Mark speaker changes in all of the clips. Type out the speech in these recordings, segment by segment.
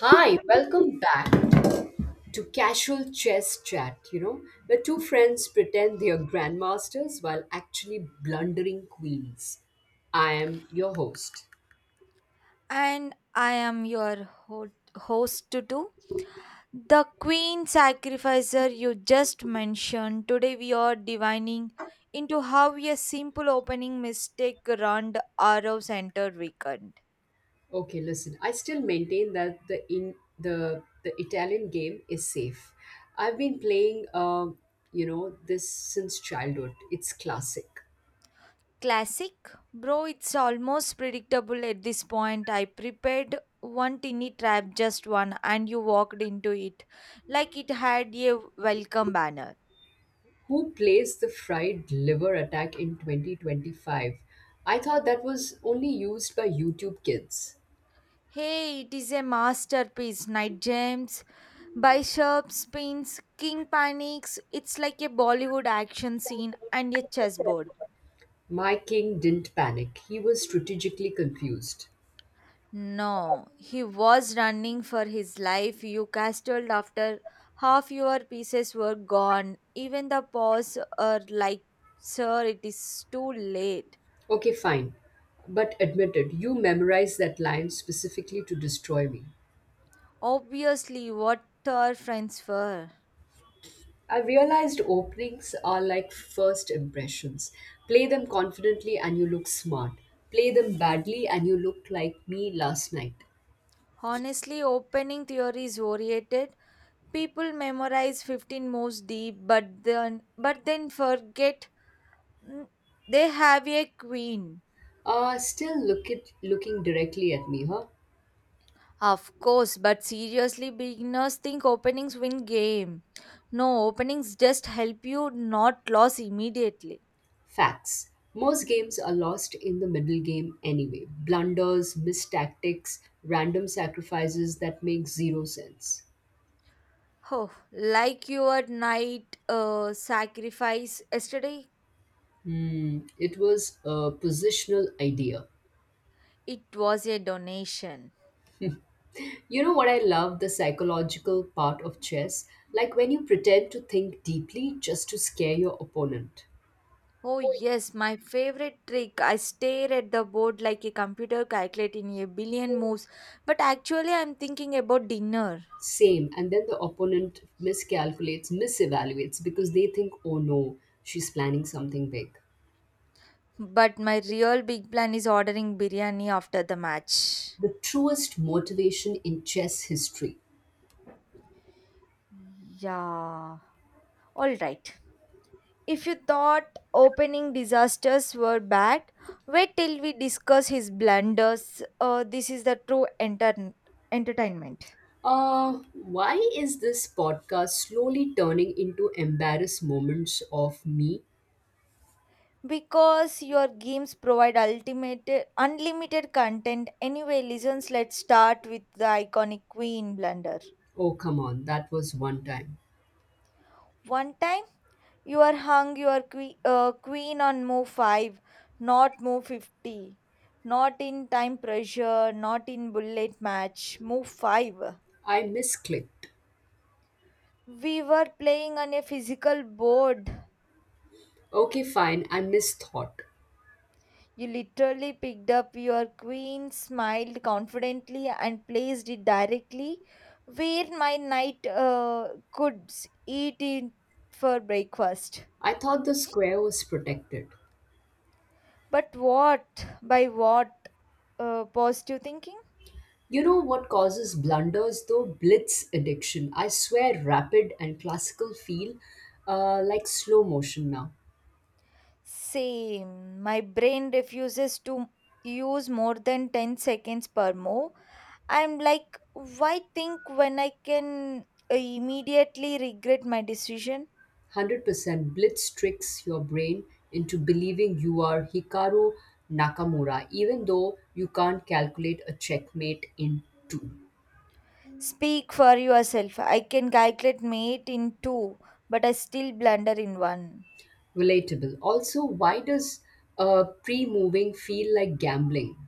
Speaker 1: Hi, welcome back to Casual Chess Chat, where two friends pretend they are grandmasters while actually blundering queens. I am your host.
Speaker 2: And I am your host Tutu. The Queen Sacrificer you just mentioned. Today we are divining into how a simple opening mistake ruined Arrow Center weekend.
Speaker 1: Okay, listen, I still maintain that the in the the Italian game is safe. I've been playing this since childhood. It's classic.
Speaker 2: Classic? Bro, it's almost predictable at this point. I prepared one tiny trap, just one, and you walked into it like it had a welcome banner.
Speaker 1: Who plays the fried liver attack in 2025? I thought that was only used by YouTube kids.
Speaker 2: Hey, it is a masterpiece. Night James by Sharp Spins, King Panics. It's like a Bollywood action scene and a chessboard.
Speaker 1: My king didn't panic. He was strategically confused.
Speaker 2: No, he was running for his life. You castled after half your pieces were gone. Even the paws are like, sir, it is too late.
Speaker 1: Okay, fine. But admitted, you memorized that line specifically to destroy me.
Speaker 2: Obviously, what are friends for?
Speaker 1: I realized openings are like first impressions. Play them confidently and you look smart. Play them badly and you look like me last night.
Speaker 2: Honestly, opening theory is oriented. People memorize 15 moves deep, but then forget mm, they have a queen.
Speaker 1: Still looking directly at me, huh?
Speaker 2: Of course, but seriously beginners think openings win game. No, openings just help you not lose immediately.
Speaker 1: Facts. Most games are lost in the middle game anyway. Blunders, missed tactics, random sacrifices that make zero sense.
Speaker 2: Oh, like your night sacrifice yesterday,
Speaker 1: Hmm, it was a positional idea.
Speaker 2: it was a donation.
Speaker 1: You know what? I love the psychological part of chess. Like when you pretend to think deeply just to scare your opponent.
Speaker 2: Oh, yes, my favorite trick. I stare at the board like a computer calculating a billion moves, but actually, I'm thinking about dinner.
Speaker 1: Same, and then the opponent miscalculates, misevaluates because they think, oh no, she's planning something big.
Speaker 2: But my real big plan is ordering biryani after the match.
Speaker 1: The truest motivation in chess history.
Speaker 2: Yeah. All right. If you thought opening disasters were bad, wait till we discuss his blunders. This is the true entertainment.
Speaker 1: Why is this podcast slowly turning into embarrassed moments of me?
Speaker 2: Because your games provide ultimate unlimited content. Anyway listens, let's start with the iconic queen blunder.
Speaker 1: Oh, come on, that was one time.
Speaker 2: One time you are hung your queen on move 5, not move 50, not in time pressure, not in bullet match, move 5.
Speaker 1: I misclicked.
Speaker 2: We were playing on a physical board.
Speaker 1: Okay, fine, I misthought.
Speaker 2: You literally picked up your queen, smiled confidently, and placed it directly where my knight could eat it for breakfast.
Speaker 1: I thought the square was protected.
Speaker 2: But what? By what? Positive thinking?
Speaker 1: You know what causes blunders though? Blitz addiction. I swear, rapid and classical feel like slow motion now.
Speaker 2: Same. My brain refuses to use more than 10 seconds per move. I'm like, why think when I can immediately regret my decision?
Speaker 1: 100% blitz tricks your brain into believing you are Hikaru Nakamura, even though you can't calculate a checkmate in two.
Speaker 2: Speak for yourself. I can calculate mate in two, but I still blunder in one.
Speaker 1: Relatable. Also, why does pre moving feel like gambling?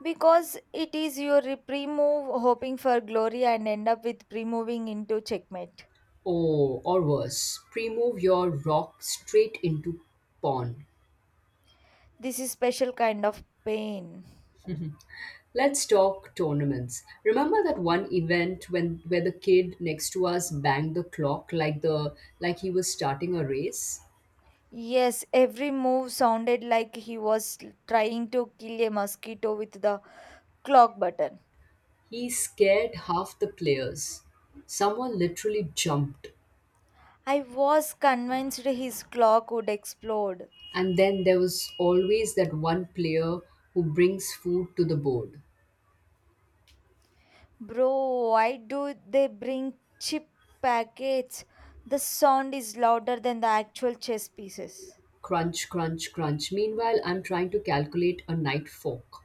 Speaker 2: Because it is your pre-move hoping for glory and end up with pre-moving into checkmate.
Speaker 1: Oh, or worse, pre move your rock straight into pawn.
Speaker 2: This is special kind of pain.
Speaker 1: Let's talk tournaments. Remember that one event when where the kid next to us banged the clock like he was starting a race?
Speaker 2: Yes, every move sounded like he was trying to kill a mosquito with the clock button.
Speaker 1: He scared half the players. Someone literally jumped.
Speaker 2: I was convinced his clock would explode.
Speaker 1: And then there was always that one player who brings food to the board.
Speaker 2: Bro, why do they bring cheap packets? The sound is louder than the actual chess pieces.
Speaker 1: Crunch, crunch, crunch. Meanwhile, I'm trying to calculate a knight fork.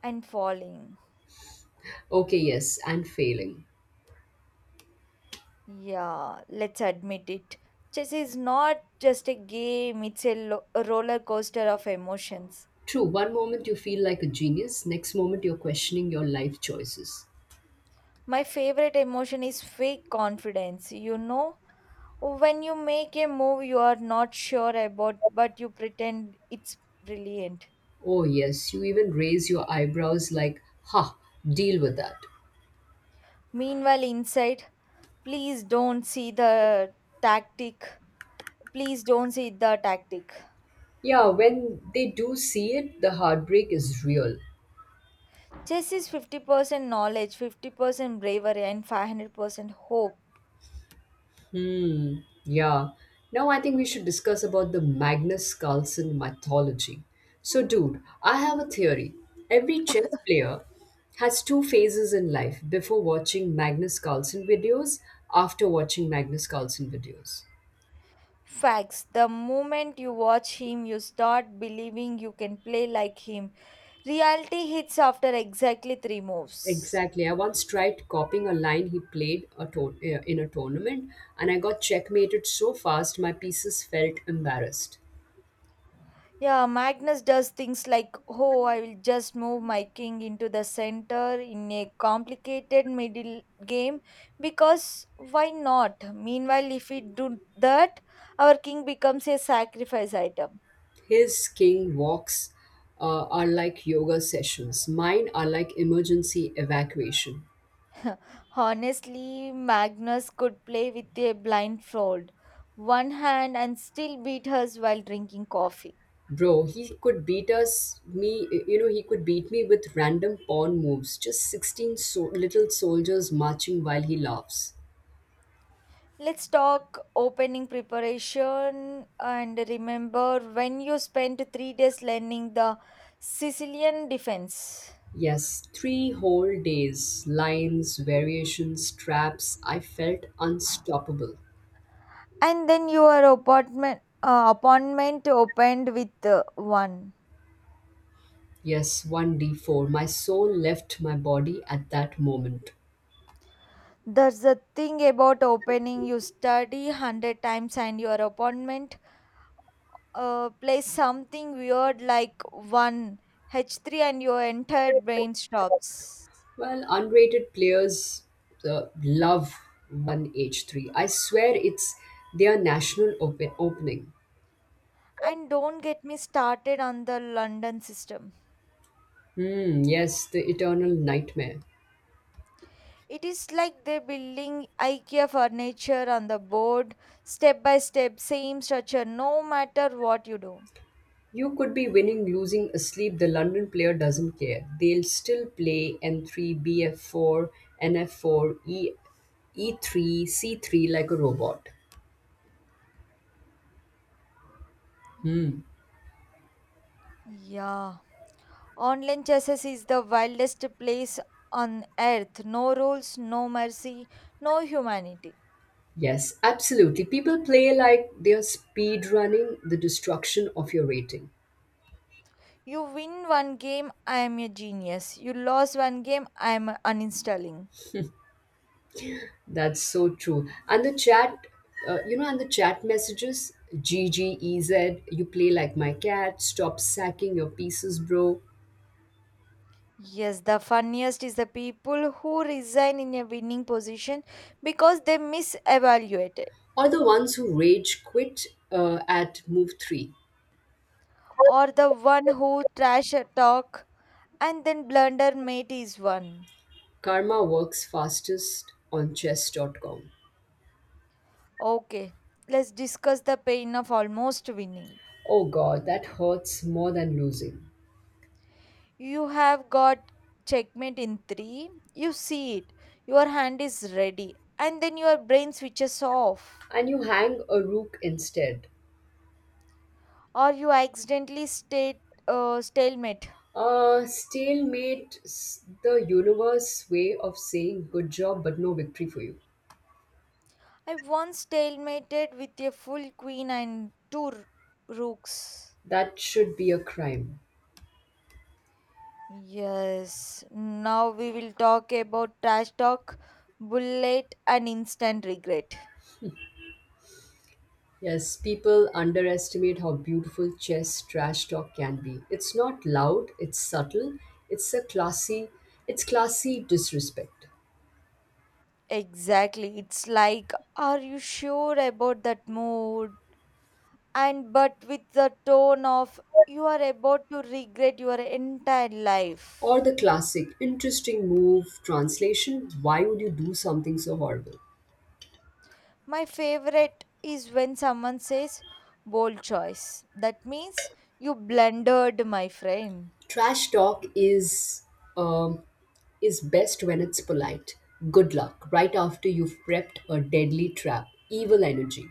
Speaker 2: And falling.
Speaker 1: Okay, yes, and failing.
Speaker 2: Yeah, let's admit it. Chess is not just a game, it's a, a roller coaster of emotions.
Speaker 1: True, one moment you feel like a genius, next moment you're questioning your life choices.
Speaker 2: My favorite emotion is fake confidence, you know? When you make a move you are not sure about, but you pretend it's brilliant.
Speaker 1: Oh, yes, you even raise your eyebrows like, ha, deal with that.
Speaker 2: Meanwhile, inside, please don't see the tactic. Please don't see the tactic.
Speaker 1: Yeah, when they do see it, the heartbreak is real.
Speaker 2: Chess is 50% knowledge, 50% bravery, and 500% hope.
Speaker 1: Hmm. Yeah. Now I think we should discuss about the Magnus Carlsen mythology. So, dude, I have a theory. Every chess player has two phases in life: before watching Magnus Carlsen videos, after watching Magnus Carlsen videos.
Speaker 2: Facts. The moment you watch him, you start believing you can play like him. Reality hits after exactly three moves.
Speaker 1: Exactly. I once tried copying a line he played in a tournament, and I got checkmated so fast my pieces felt embarrassed.
Speaker 2: Yeah, Magnus does things like, oh, I will just move my king into the center in a complicated middle game because why not? Meanwhile, if we do that, our king becomes a sacrifice item.
Speaker 1: His king walks are like yoga sessions. Mine are like emergency evacuation.
Speaker 2: Honestly, Magnus could play with a blindfold, one hand, and still beat us while drinking coffee.
Speaker 1: Bro, he could beat us, me, he could beat me with random pawn moves. Just 16 little soldiers marching while he laughs.
Speaker 2: Let's talk opening preparation and remember when you spent 3 days learning the Sicilian defense.
Speaker 1: Yes, 3 whole days, lines, variations, traps. I felt unstoppable.
Speaker 2: And then your apartment appointment opened with one.
Speaker 1: Yes, 1d4. My soul left my body at that moment.
Speaker 2: There's a thing about opening. You study hundred times and your appointment plays something weird like one H3 and your entire brain stops.
Speaker 1: Well, unrated players love 1H3. I swear it's their national opening.
Speaker 2: And don't get me started on the London system.
Speaker 1: Hmm, yes, the eternal nightmare.
Speaker 2: It is like they're building IKEA furniture on the board, step by step, same structure, no matter what you do.
Speaker 1: You could be winning, losing, asleep. The London player doesn't care. They'll still play N3, BF4, NF4, E3, C3 like a robot.
Speaker 2: Yeah. Online chess is the wildest place on earth. No rules, no mercy, no humanity.
Speaker 1: Yes, absolutely. People play like they're speed running the destruction of your rating.
Speaker 2: You win one game, I am a genius. You lost one game, I am uninstalling.
Speaker 1: That's so true. And the chat messages, GGEZ, you play like my cat, stop sacking your pieces, bro.
Speaker 2: Yes, the funniest is the people who resign in a winning position because they misevaluated.
Speaker 1: Or the ones who rage quit at move 3.
Speaker 2: Or the one who trash talk and then blunder mate is one.
Speaker 1: Karma works fastest on chess.com.
Speaker 2: Okay, let's discuss the pain of almost winning.
Speaker 1: Oh god, that hurts more than losing.
Speaker 2: You have got checkmate in three, you see it, your hand is ready, and then your brain switches off,
Speaker 1: And you hang a rook instead.
Speaker 2: or you accidentally stalemate.
Speaker 1: Stalemate, the universe way of saying good job but no victory for you.
Speaker 2: I once stalemated with a full queen and two rooks.
Speaker 1: That should be a crime.
Speaker 2: Yes, now we will talk about trash talk, bullet, and instant regret.
Speaker 1: Yes, people underestimate how beautiful chess trash talk can be. It's not loud, it's subtle, it's a classy, it's classy disrespect.
Speaker 2: Exactly, it's like, are you sure about that mood? And but with the tone of, you are about to regret your entire
Speaker 1: Or
Speaker 2: life.
Speaker 1: the classic interesting move translation, why would you do something so horrible?
Speaker 2: My favorite is when someone says, bold choice. That means you blundered, my friend.
Speaker 1: Trash talk um, is best when it's polite. Good luck right after you've prepped a deadly trap, evil energy.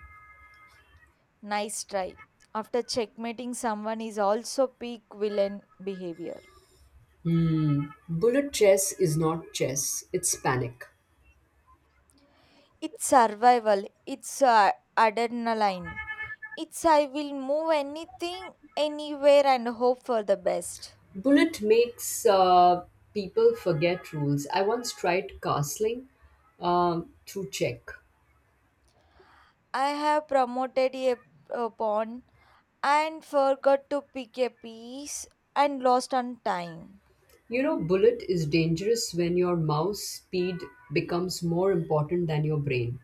Speaker 2: Nice try. After checkmating someone is also peak villain behavior.
Speaker 1: Hmm. Bullet chess is not chess, it's panic.
Speaker 2: It's survival. It's adrenaline. It's I will move anything, anywhere, and hope for the best.
Speaker 1: Bullet makes people forget rules. I once tried castling through check.
Speaker 2: I have promoted a pawn and forgot to pick a piece and lost on time.
Speaker 1: You know, bullet is dangerous when your mouse speed becomes more important than your brain.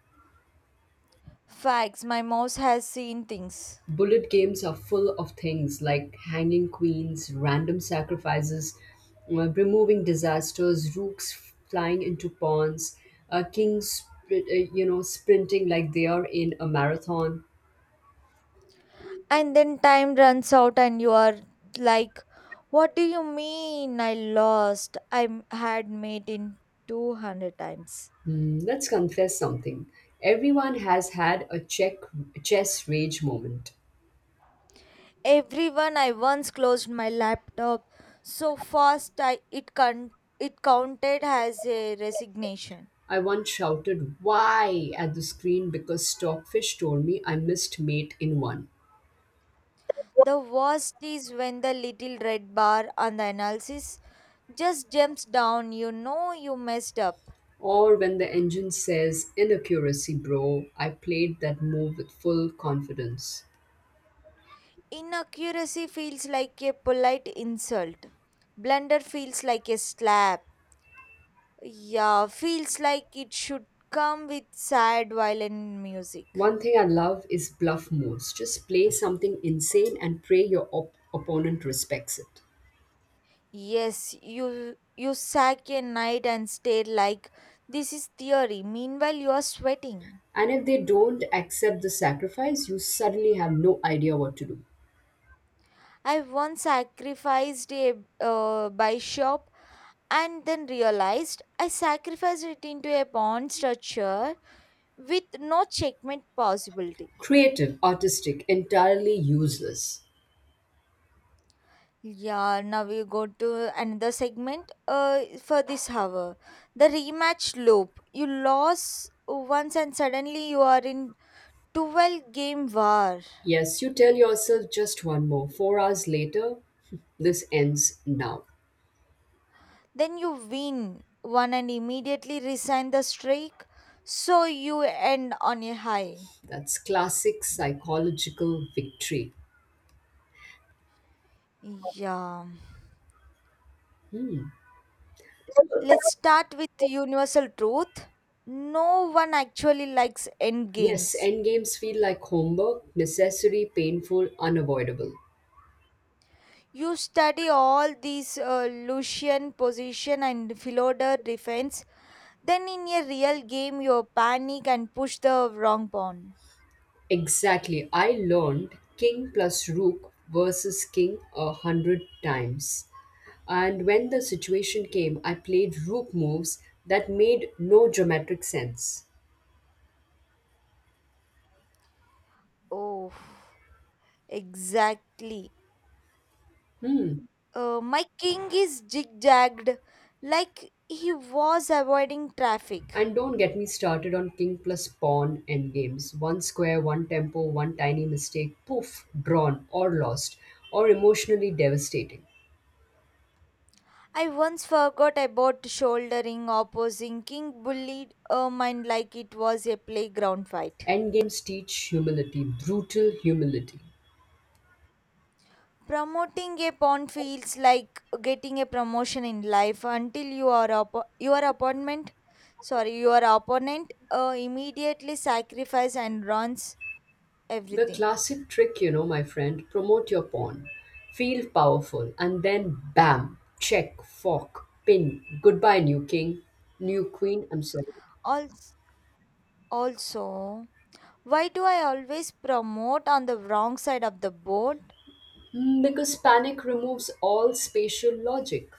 Speaker 2: Facts. My mouse has seen things.
Speaker 1: Bullet games are full of things like hanging queens, random sacrifices, removing disasters, rooks flying into pawns, kings, sprinting like they are in a marathon.
Speaker 2: And then time runs out, and you are like, "What do you mean? I lost. Had made in 200 times."
Speaker 1: Hmm, let's confess something. Everyone has had a chess rage moment.
Speaker 2: Everyone, I once closed my laptop so fast it counted as a resignation.
Speaker 1: I once shouted, "Why?" at the screen because Stockfish told me I missed mate in one.
Speaker 2: The worst is when the little red bar on the analysis just jumps down, you know you messed up.
Speaker 1: Or when the engine says, "Inaccuracy," bro, I played that move with full confidence.
Speaker 2: Inaccuracy feels like a polite insult. Blunder feels like a slap. Yeah, feels like it should come with sad violin music.
Speaker 1: One thing I love is bluff moves. Just play something insane and pray your opponent respects it.
Speaker 2: Yes, you sack a night and stare like this is theory. Meanwhile, you are sweating.
Speaker 1: And if they don't accept the sacrifice, you suddenly have no idea what to do.
Speaker 2: I once sacrificed a by shop and then realized I sacrificed it into a pawn structure with no checkmate possibility.
Speaker 1: Creative, artistic, entirely useless.
Speaker 2: Yeah, now we go to another segment for this hour. The rematch loop. You lost once and suddenly you are in 12 game war.
Speaker 1: Yes, you tell yourself just one more. 4 hours later, this ends now.
Speaker 2: Then you win one and immediately resign the streak, so you end on a high.
Speaker 1: That's classic psychological victory.
Speaker 2: Yeah. Let's start with the universal truth. No one actually likes end
Speaker 1: Yes,
Speaker 2: games.
Speaker 1: endgames feel like homework, necessary, painful, unavoidable.
Speaker 2: You study all these Lucian position and Philodor defense. Then in a real game, you panic and push the wrong pawn.
Speaker 1: Exactly. I learned king plus rook versus king 100 times. And when the situation came, I played rook moves that made no dramatic sense.
Speaker 2: Oh, exactly.
Speaker 1: Hmm.
Speaker 2: My king is zigzagged like he was avoiding traffic.
Speaker 1: And don't get me started on king plus pawn endgames. One square, one tempo, one tiny mistake, poof, drawn or lost, or emotionally devastating.
Speaker 2: I once forgot about shouldering opposing king bullied a mind like it was a playground fight.
Speaker 1: Endgames teach humility, brutal humility.
Speaker 2: Promoting a pawn feels like getting a promotion in life until you are your opponent, sorry, your opponent immediately sacrifice and runs
Speaker 1: The
Speaker 2: everything.
Speaker 1: classic trick, my friend, promote your pawn. Feel powerful, and then bam, check, fork, pin. Goodbye, new king, new queen, I'm sorry.
Speaker 2: Also, also, why do I always promote on the wrong side of the board?
Speaker 1: Because panic removes all spatial logic.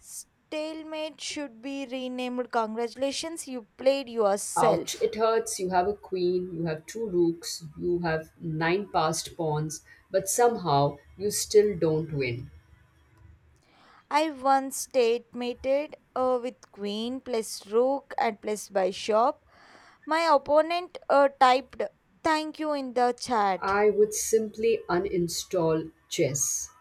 Speaker 2: Stalemate should be renamed. Congratulations, you played
Speaker 1: Ouch,
Speaker 2: yourself.
Speaker 1: it hurts. You have a queen, you have two rooks, you have nine passed pawns, but somehow you still don't win.
Speaker 2: I once statemated with queen plus rook and plus bishop. My opponent typed thank you in the chat.
Speaker 1: I would simply uninstall chess.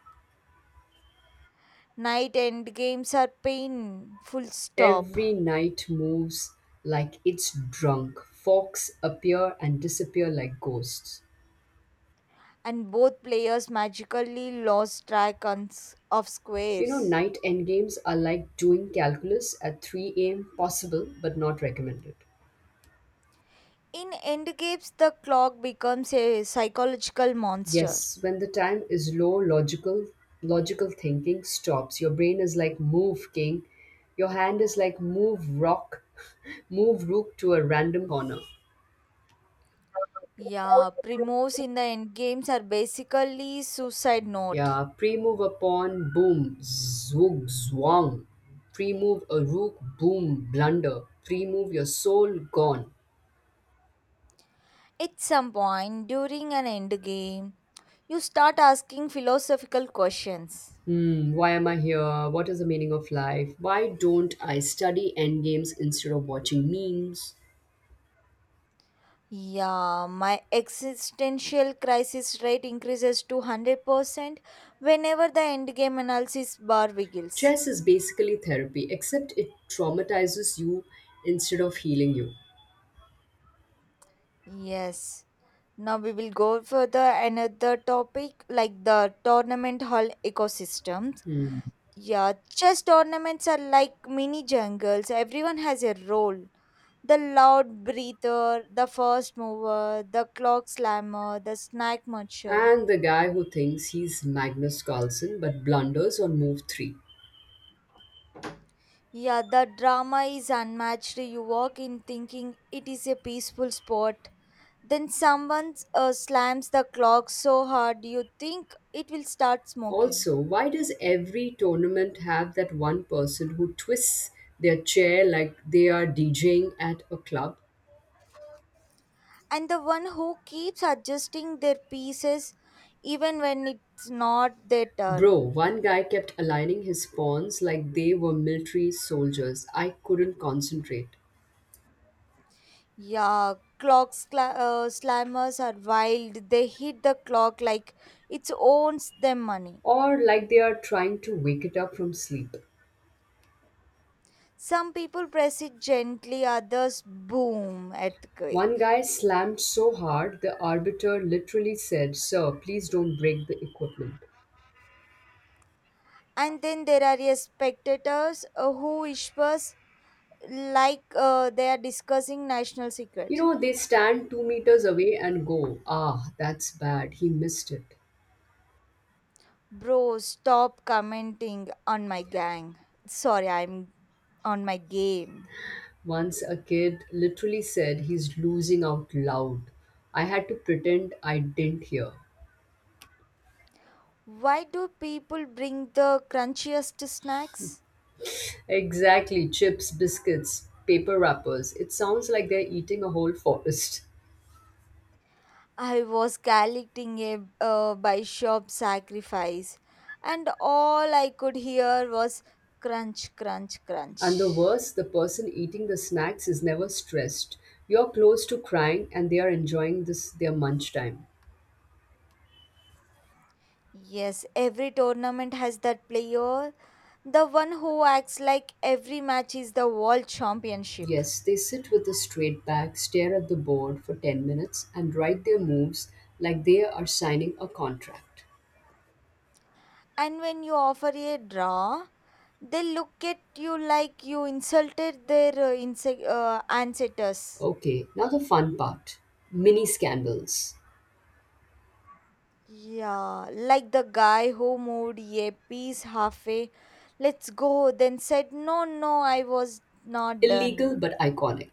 Speaker 2: Knight end games are pain, full stop.
Speaker 1: Every night moves like it's drunk. Forks appear and disappear like ghosts.
Speaker 2: And both players magically lost track on of
Speaker 1: You know,
Speaker 2: squares.
Speaker 1: night endgames are like doing calculus at 3 a.m., possible but not recommended.
Speaker 2: In Endgames, the clock becomes a psychological monster.
Speaker 1: Yes, when the time is low, logical thinking stops. Your brain is like move king. Your hand is like move rock, move rook to a random corner.
Speaker 2: Yeah, primos in the endgames are basically suicide note.
Speaker 1: Yeah, pre-move a pawn, boom, zoog, zwang. Pre-move a rook, boom, blunder. Pre-move your soul, gone.
Speaker 2: At some point during an endgame, you start asking philosophical questions.
Speaker 1: Hmm, why am I here? What is the meaning of life? Why don't I study endgames instead of watching memes?
Speaker 2: Yeah, my existential crisis rate increases to 100% whenever the endgame analysis bar wiggles.
Speaker 1: Chess is basically therapy, except it traumatizes you instead of healing you.
Speaker 2: Yes, now we will go for the another topic like the tournament hall ecosystems.
Speaker 1: Hmm.
Speaker 2: Yeah, chess tournaments are like mini jungles. Everyone has a role. The loud breather, the first mover, the clock slammer, the snack muncher.
Speaker 1: And the guy who thinks he's Magnus Carlsen but blunders on move three.
Speaker 2: Yeah, the drama is unmatched. You walk in thinking it is a peaceful sport. Then someone slams the clock so hard you think it will start smoking.
Speaker 1: Also, why does every tournament have that one person who twists their chair like they are DJing at a club?
Speaker 2: And the one who keeps adjusting their pieces even when it's not their
Speaker 1: Bro,
Speaker 2: turn.
Speaker 1: one guy kept aligning his pawns like they were military soldiers. I couldn't concentrate.
Speaker 2: Yeah, slammers are wild. They hit the clock like it owns them money.
Speaker 1: Or like they are trying to wake it up from sleep.
Speaker 2: Some people press it gently, others boom,
Speaker 1: One
Speaker 2: earthquake.
Speaker 1: guy slammed so hard the arbiter literally said, "Sir, please don't break the equipment."
Speaker 2: And then there are yes, spectators who whispers like they are discussing national
Speaker 1: You
Speaker 2: secret.
Speaker 1: know, they stand 2 meters away and go, "Ah, that's bad, he missed it."
Speaker 2: Bro, stop commenting on my gang. Sorry, I'm on my game.
Speaker 1: Once a kid literally said he's losing out loud. I had to pretend I didn't hear.
Speaker 2: Why do people bring the crunchiest snacks?
Speaker 1: Exactly, chips, biscuits, paper wrappers. It sounds like they're eating a whole forest.
Speaker 2: I was collecting a by shop sacrifice, and all I could hear was crunch, crunch,
Speaker 1: And the
Speaker 2: crunch.
Speaker 1: worst, the person eating the snacks is never stressed. You're close to crying and they are enjoying this their munch time.
Speaker 2: Yes, every tournament has that player, the one who acts like every match is the world championship.
Speaker 1: Yes, they sit with a straight back, stare at the board for 10 minutes and write their moves like they are signing a contract.
Speaker 2: And when you offer a draw, they look at you like you insulted their ancestors.
Speaker 1: Okay, now the fun part. Mini scandals.
Speaker 2: Yeah, like the guy who moved a piece halfway. Let's go, then said, no, no, I was not done.
Speaker 1: Illegal but iconic.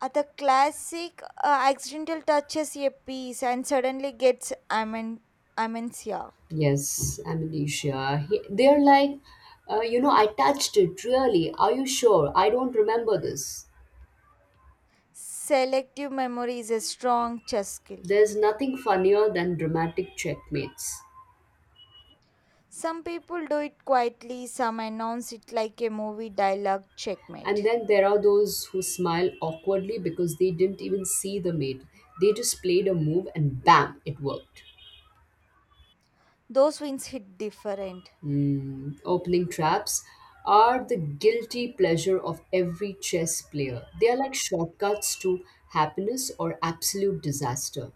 Speaker 2: The classic accidental touches a piece and suddenly gets amencia.
Speaker 1: Yes, amnesia. They're like, I touched it, really. Are you sure? I don't remember this.
Speaker 2: Selective memory is a strong chess skill.
Speaker 1: There's nothing funnier than dramatic checkmates.
Speaker 2: Some people do it quietly, some announce it like a movie dialogue
Speaker 1: And
Speaker 2: checkmate.
Speaker 1: then there are those who smile awkwardly because they didn't even see the mate. They just played a move and bam, it worked.
Speaker 2: Those wins hit different.
Speaker 1: Hmm, opening traps are the guilty pleasure of every chess player. They are like shortcuts to happiness or absolute disaster.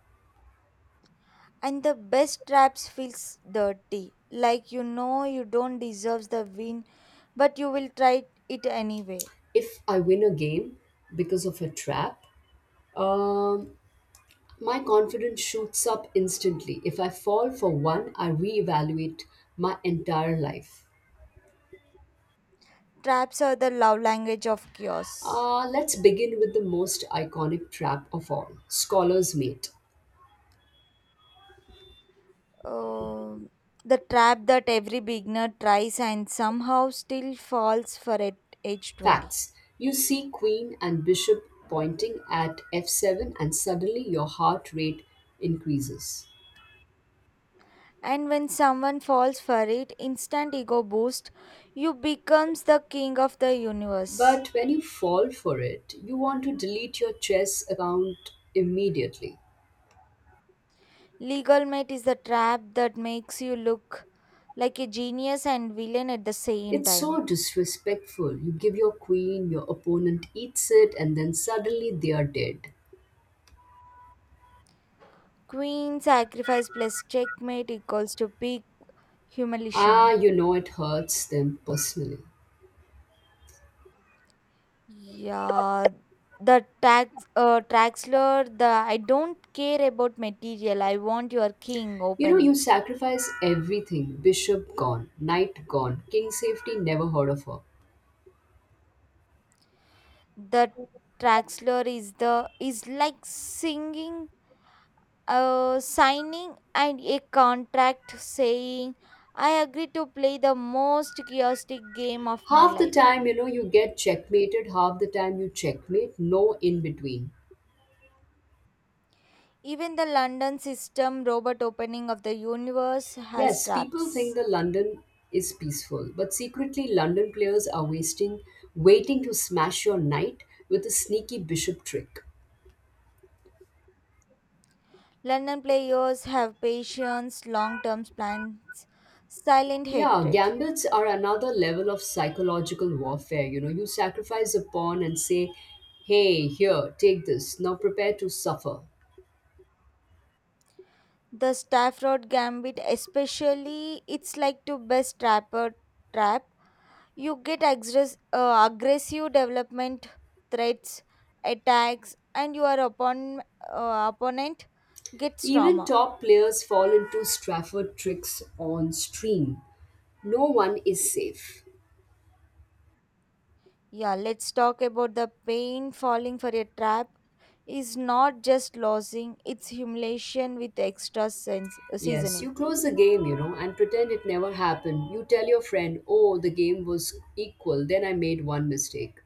Speaker 2: And the best traps feels dirty. Like you know you don't deserve the win, but you will try it anyway.
Speaker 1: If I win a game because of a trap, um, My confidence shoots up instantly. If I fall for one, I reevaluate my entire life.
Speaker 2: Traps are the love language of chaos.
Speaker 1: Let's begin with the most iconic trap of all, Scholar's Mate.
Speaker 2: Um, the trap that every beginner tries and somehow still falls for at age 20.
Speaker 1: Facts. You see Queen and Bishop pointing at f7, and suddenly your heart rate increases.
Speaker 2: And when someone falls for it, instant ego boost, you becomes the king of the universe.
Speaker 1: But when you fall for it, you want to delete your chess account immediately.
Speaker 2: Legal mate is the trap that makes you look like a genius and villain at the same
Speaker 1: It's so
Speaker 2: time.
Speaker 1: disrespectful. You give your queen, your opponent eats it, and then suddenly they are dead.
Speaker 2: Queen sacrifice plus checkmate equals to big
Speaker 1: Ah,
Speaker 2: humiliation.
Speaker 1: you know it hurts them personally.
Speaker 2: Yeah, the tax Traxler. The I don't care about material. I want your king
Speaker 1: You know, you
Speaker 2: opening.
Speaker 1: sacrifice everything, bishop gone, knight gone, king safety never heard of her.
Speaker 2: The Traxler is the is like singing signing and a contract saying I agree to play the most chaotic game of my
Speaker 1: Half the
Speaker 2: life.
Speaker 1: time, you know, you get checkmated, half the time, you checkmate, no in between.
Speaker 2: Even the London system robot opening of the universe has
Speaker 1: Yes, people think
Speaker 2: traps.
Speaker 1: that London is peaceful, but secretly, London players are waiting to smash your knight with a sneaky bishop trick.
Speaker 2: London players have patience, long term plans, silent
Speaker 1: Yeah,
Speaker 2: hatred.
Speaker 1: gambits are another level of psychological warfare. You know, you sacrifice a pawn and say, "Hey, here, take this. Now prepare to suffer."
Speaker 2: The Stafford Gambit, especially, it's like to best trap. You get aggressive development threats, attacks, and your opponent gets
Speaker 1: Even
Speaker 2: trauma.
Speaker 1: top players fall into Strafford tricks on stream. No one is safe.
Speaker 2: Yeah, let's talk about the pain falling for a trap is not just losing, it's humiliation with extra
Speaker 1: Yes,
Speaker 2: seasoning.
Speaker 1: you close the game, and pretend it never happened. You tell your friend, "Oh, the game was equal, then I made one mistake."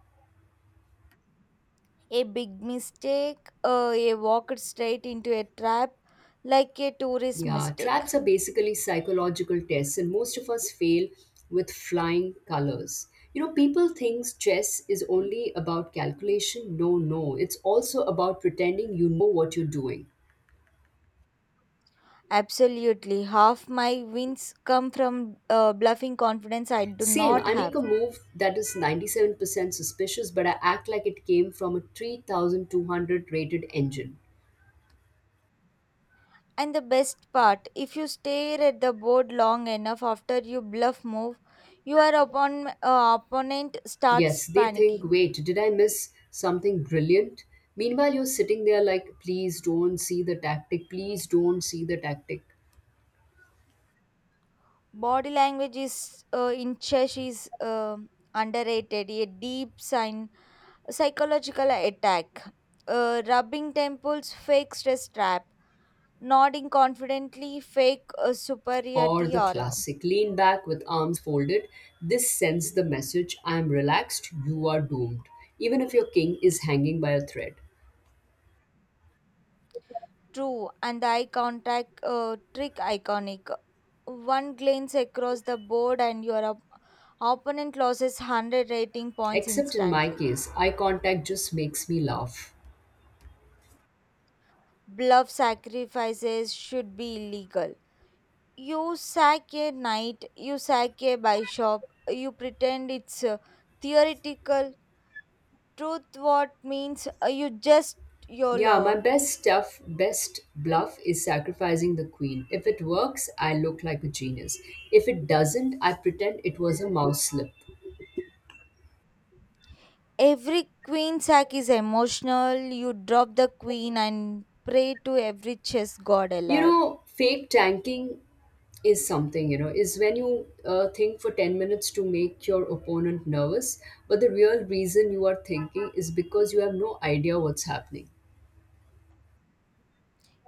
Speaker 2: A big mistake, a walk straight into a trap like a tourist
Speaker 1: Yeah,
Speaker 2: mistake.
Speaker 1: traps are basically psychological tests, and most of us fail with flying colors. You know, people think chess is only about calculation. No, no, it's also about pretending you know what you're doing.
Speaker 2: Absolutely. Half my wins come from bluffing confidence I do
Speaker 1: Same,
Speaker 2: not
Speaker 1: I make
Speaker 2: have.
Speaker 1: a move that is 97% suspicious, but I act like it came from a 3200 rated engine.
Speaker 2: And the best part, if you stare at the board long enough after you bluff move, your opponent
Speaker 1: Yes,
Speaker 2: starts
Speaker 1: they think,
Speaker 2: panicking.
Speaker 1: "Wait, did I miss something brilliant?" Meanwhile, you're sitting there like, "Please don't see the tactic, please don't see the tactic."
Speaker 2: Body language is in chess is underrated, a deep sign, psychological attack. Rubbing temples, fake stress trap. Nodding confidently, fake
Speaker 1: Or
Speaker 2: superiority
Speaker 1: the
Speaker 2: aura.
Speaker 1: classic lean back with arms folded. This sends the message "I am relaxed, you are doomed," even if your king is hanging by a thread.
Speaker 2: True, and the eye contact trick iconic. One glance across the board, and your opponent loses 100 rating points
Speaker 1: Except in my
Speaker 2: instantly.
Speaker 1: case, eye contact just makes me laugh.
Speaker 2: Bluff sacrifices should be illegal. You sack a knight, you sack a bishop, you pretend it's theoretical. Truth what means you just
Speaker 1: Yeah, my
Speaker 2: YOLO.
Speaker 1: best bluff is sacrificing the queen. If it works, I look like a genius. If it doesn't, I pretend it was a mouse slip.
Speaker 2: Every queen sack is emotional. You drop the queen and pray to every chess god
Speaker 1: You
Speaker 2: alive.
Speaker 1: know, fake tanking is something, is when you think for 10 minutes to make your opponent nervous, but the real reason you are thinking is because you have no idea what's happening.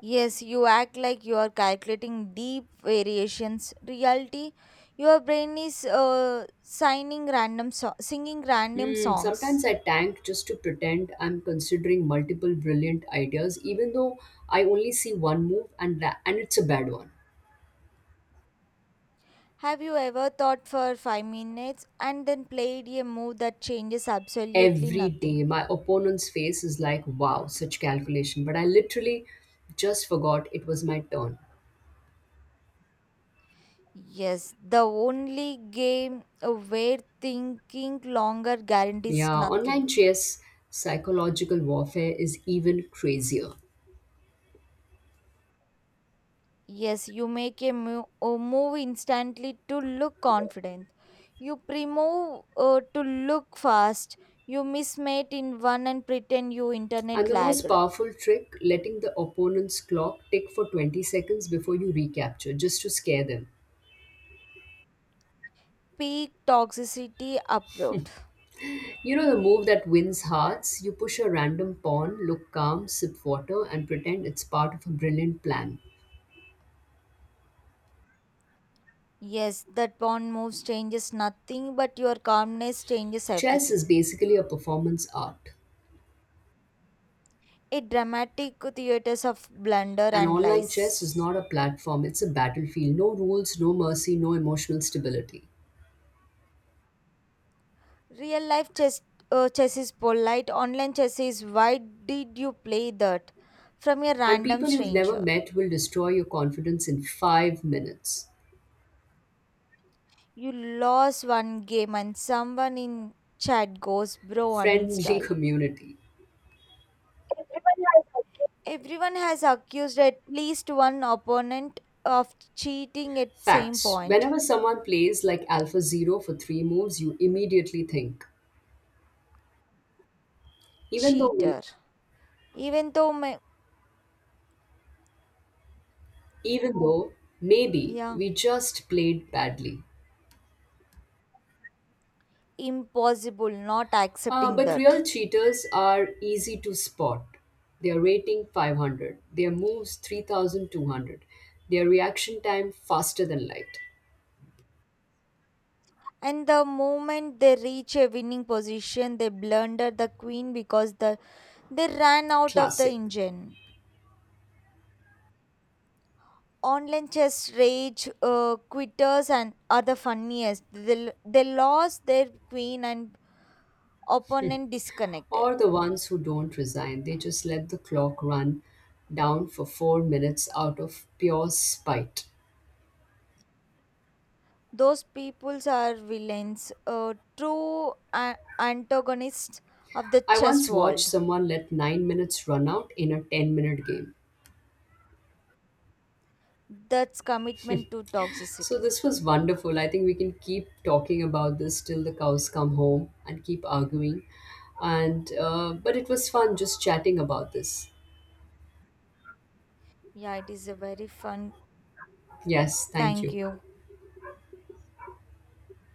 Speaker 2: Yes, you act like you are calculating deep variations. Reality, your brain is singing random
Speaker 1: Hmm, sometimes
Speaker 2: songs.
Speaker 1: I tank just to pretend I'm considering multiple brilliant ideas, even though I only see one move and it's a bad one.
Speaker 2: Have you ever thought for 5 minutes and then played a move that changes absolutely
Speaker 1: Every day,
Speaker 2: nothing?
Speaker 1: my opponent's face is like, "Wow, such calculation." But I literally just forgot it was my turn.
Speaker 2: Yes, the only game where thinking longer guarantees
Speaker 1: Yeah, online
Speaker 2: nothing.
Speaker 1: chess psychological warfare is even crazier.
Speaker 2: Yes, you make a move instantly to look confident. You pre-move to look fast. You mismate in one and pretend you
Speaker 1: And
Speaker 2: internet
Speaker 1: the most
Speaker 2: lagged.
Speaker 1: powerful trick, letting the opponent's clock tick for 20 seconds before you recapture, just to scare them.
Speaker 2: Peak toxicity approved.
Speaker 1: You know the move that wins hearts? You push a random pawn, look calm, sip water, and pretend it's part of a brilliant plan.
Speaker 2: Yes, that pawn moves changes nothing, but your calmness changes
Speaker 1: Chess
Speaker 2: everything.
Speaker 1: is basically a performance art.
Speaker 2: A dramatic theaters of blunder
Speaker 1: And
Speaker 2: and
Speaker 1: online chess is
Speaker 2: lies.
Speaker 1: not a platform, it's a battlefield. No rules, no mercy, no emotional stability.
Speaker 2: Real life chess, chess is polite. Online chess is why did you play that? From a
Speaker 1: And
Speaker 2: random
Speaker 1: people you've never
Speaker 2: stranger.
Speaker 1: met will destroy your confidence in 5 minutes.
Speaker 2: You lost one game and someone in chat goes, bro,
Speaker 1: Friendly
Speaker 2: uninstall.
Speaker 1: community.
Speaker 2: Everyone has accused at least one opponent of cheating at same
Speaker 1: Facts.
Speaker 2: point.
Speaker 1: Whenever someone plays like Alpha Zero for three moves, you immediately think, even though we,
Speaker 2: Cheater. Even though, my,
Speaker 1: even though maybe
Speaker 2: yeah,
Speaker 1: we just played badly.
Speaker 2: impossible not
Speaker 1: Uh,
Speaker 2: accepting
Speaker 1: but real
Speaker 2: that.
Speaker 1: cheaters are easy to spot. Their rating 500, their moves 3200, their reaction time faster than light.
Speaker 2: And the moment they reach a winning position, they blunder the queen because they ran out of the
Speaker 1: Classic.
Speaker 2: engine. Online chess rage quitters and are the funniest. They lost their queen and opponent disconnected.
Speaker 1: Or the ones who don't resign, they just let the clock run down for 4 minutes out of pure spite.
Speaker 2: Those peoples are villains, true antagonists of the
Speaker 1: I
Speaker 2: chess
Speaker 1: once watched
Speaker 2: world.
Speaker 1: someone let 9 minutes run out in a 10-minute game.
Speaker 2: That's commitment to
Speaker 1: So
Speaker 2: toxicity.
Speaker 1: this was wonderful. I think we can keep talking about this till the cows come home and keep arguing. And but it was fun just chatting about this.
Speaker 2: Yeah, it is a very fun.
Speaker 1: Yes, thank
Speaker 2: Thank
Speaker 1: you.
Speaker 2: you.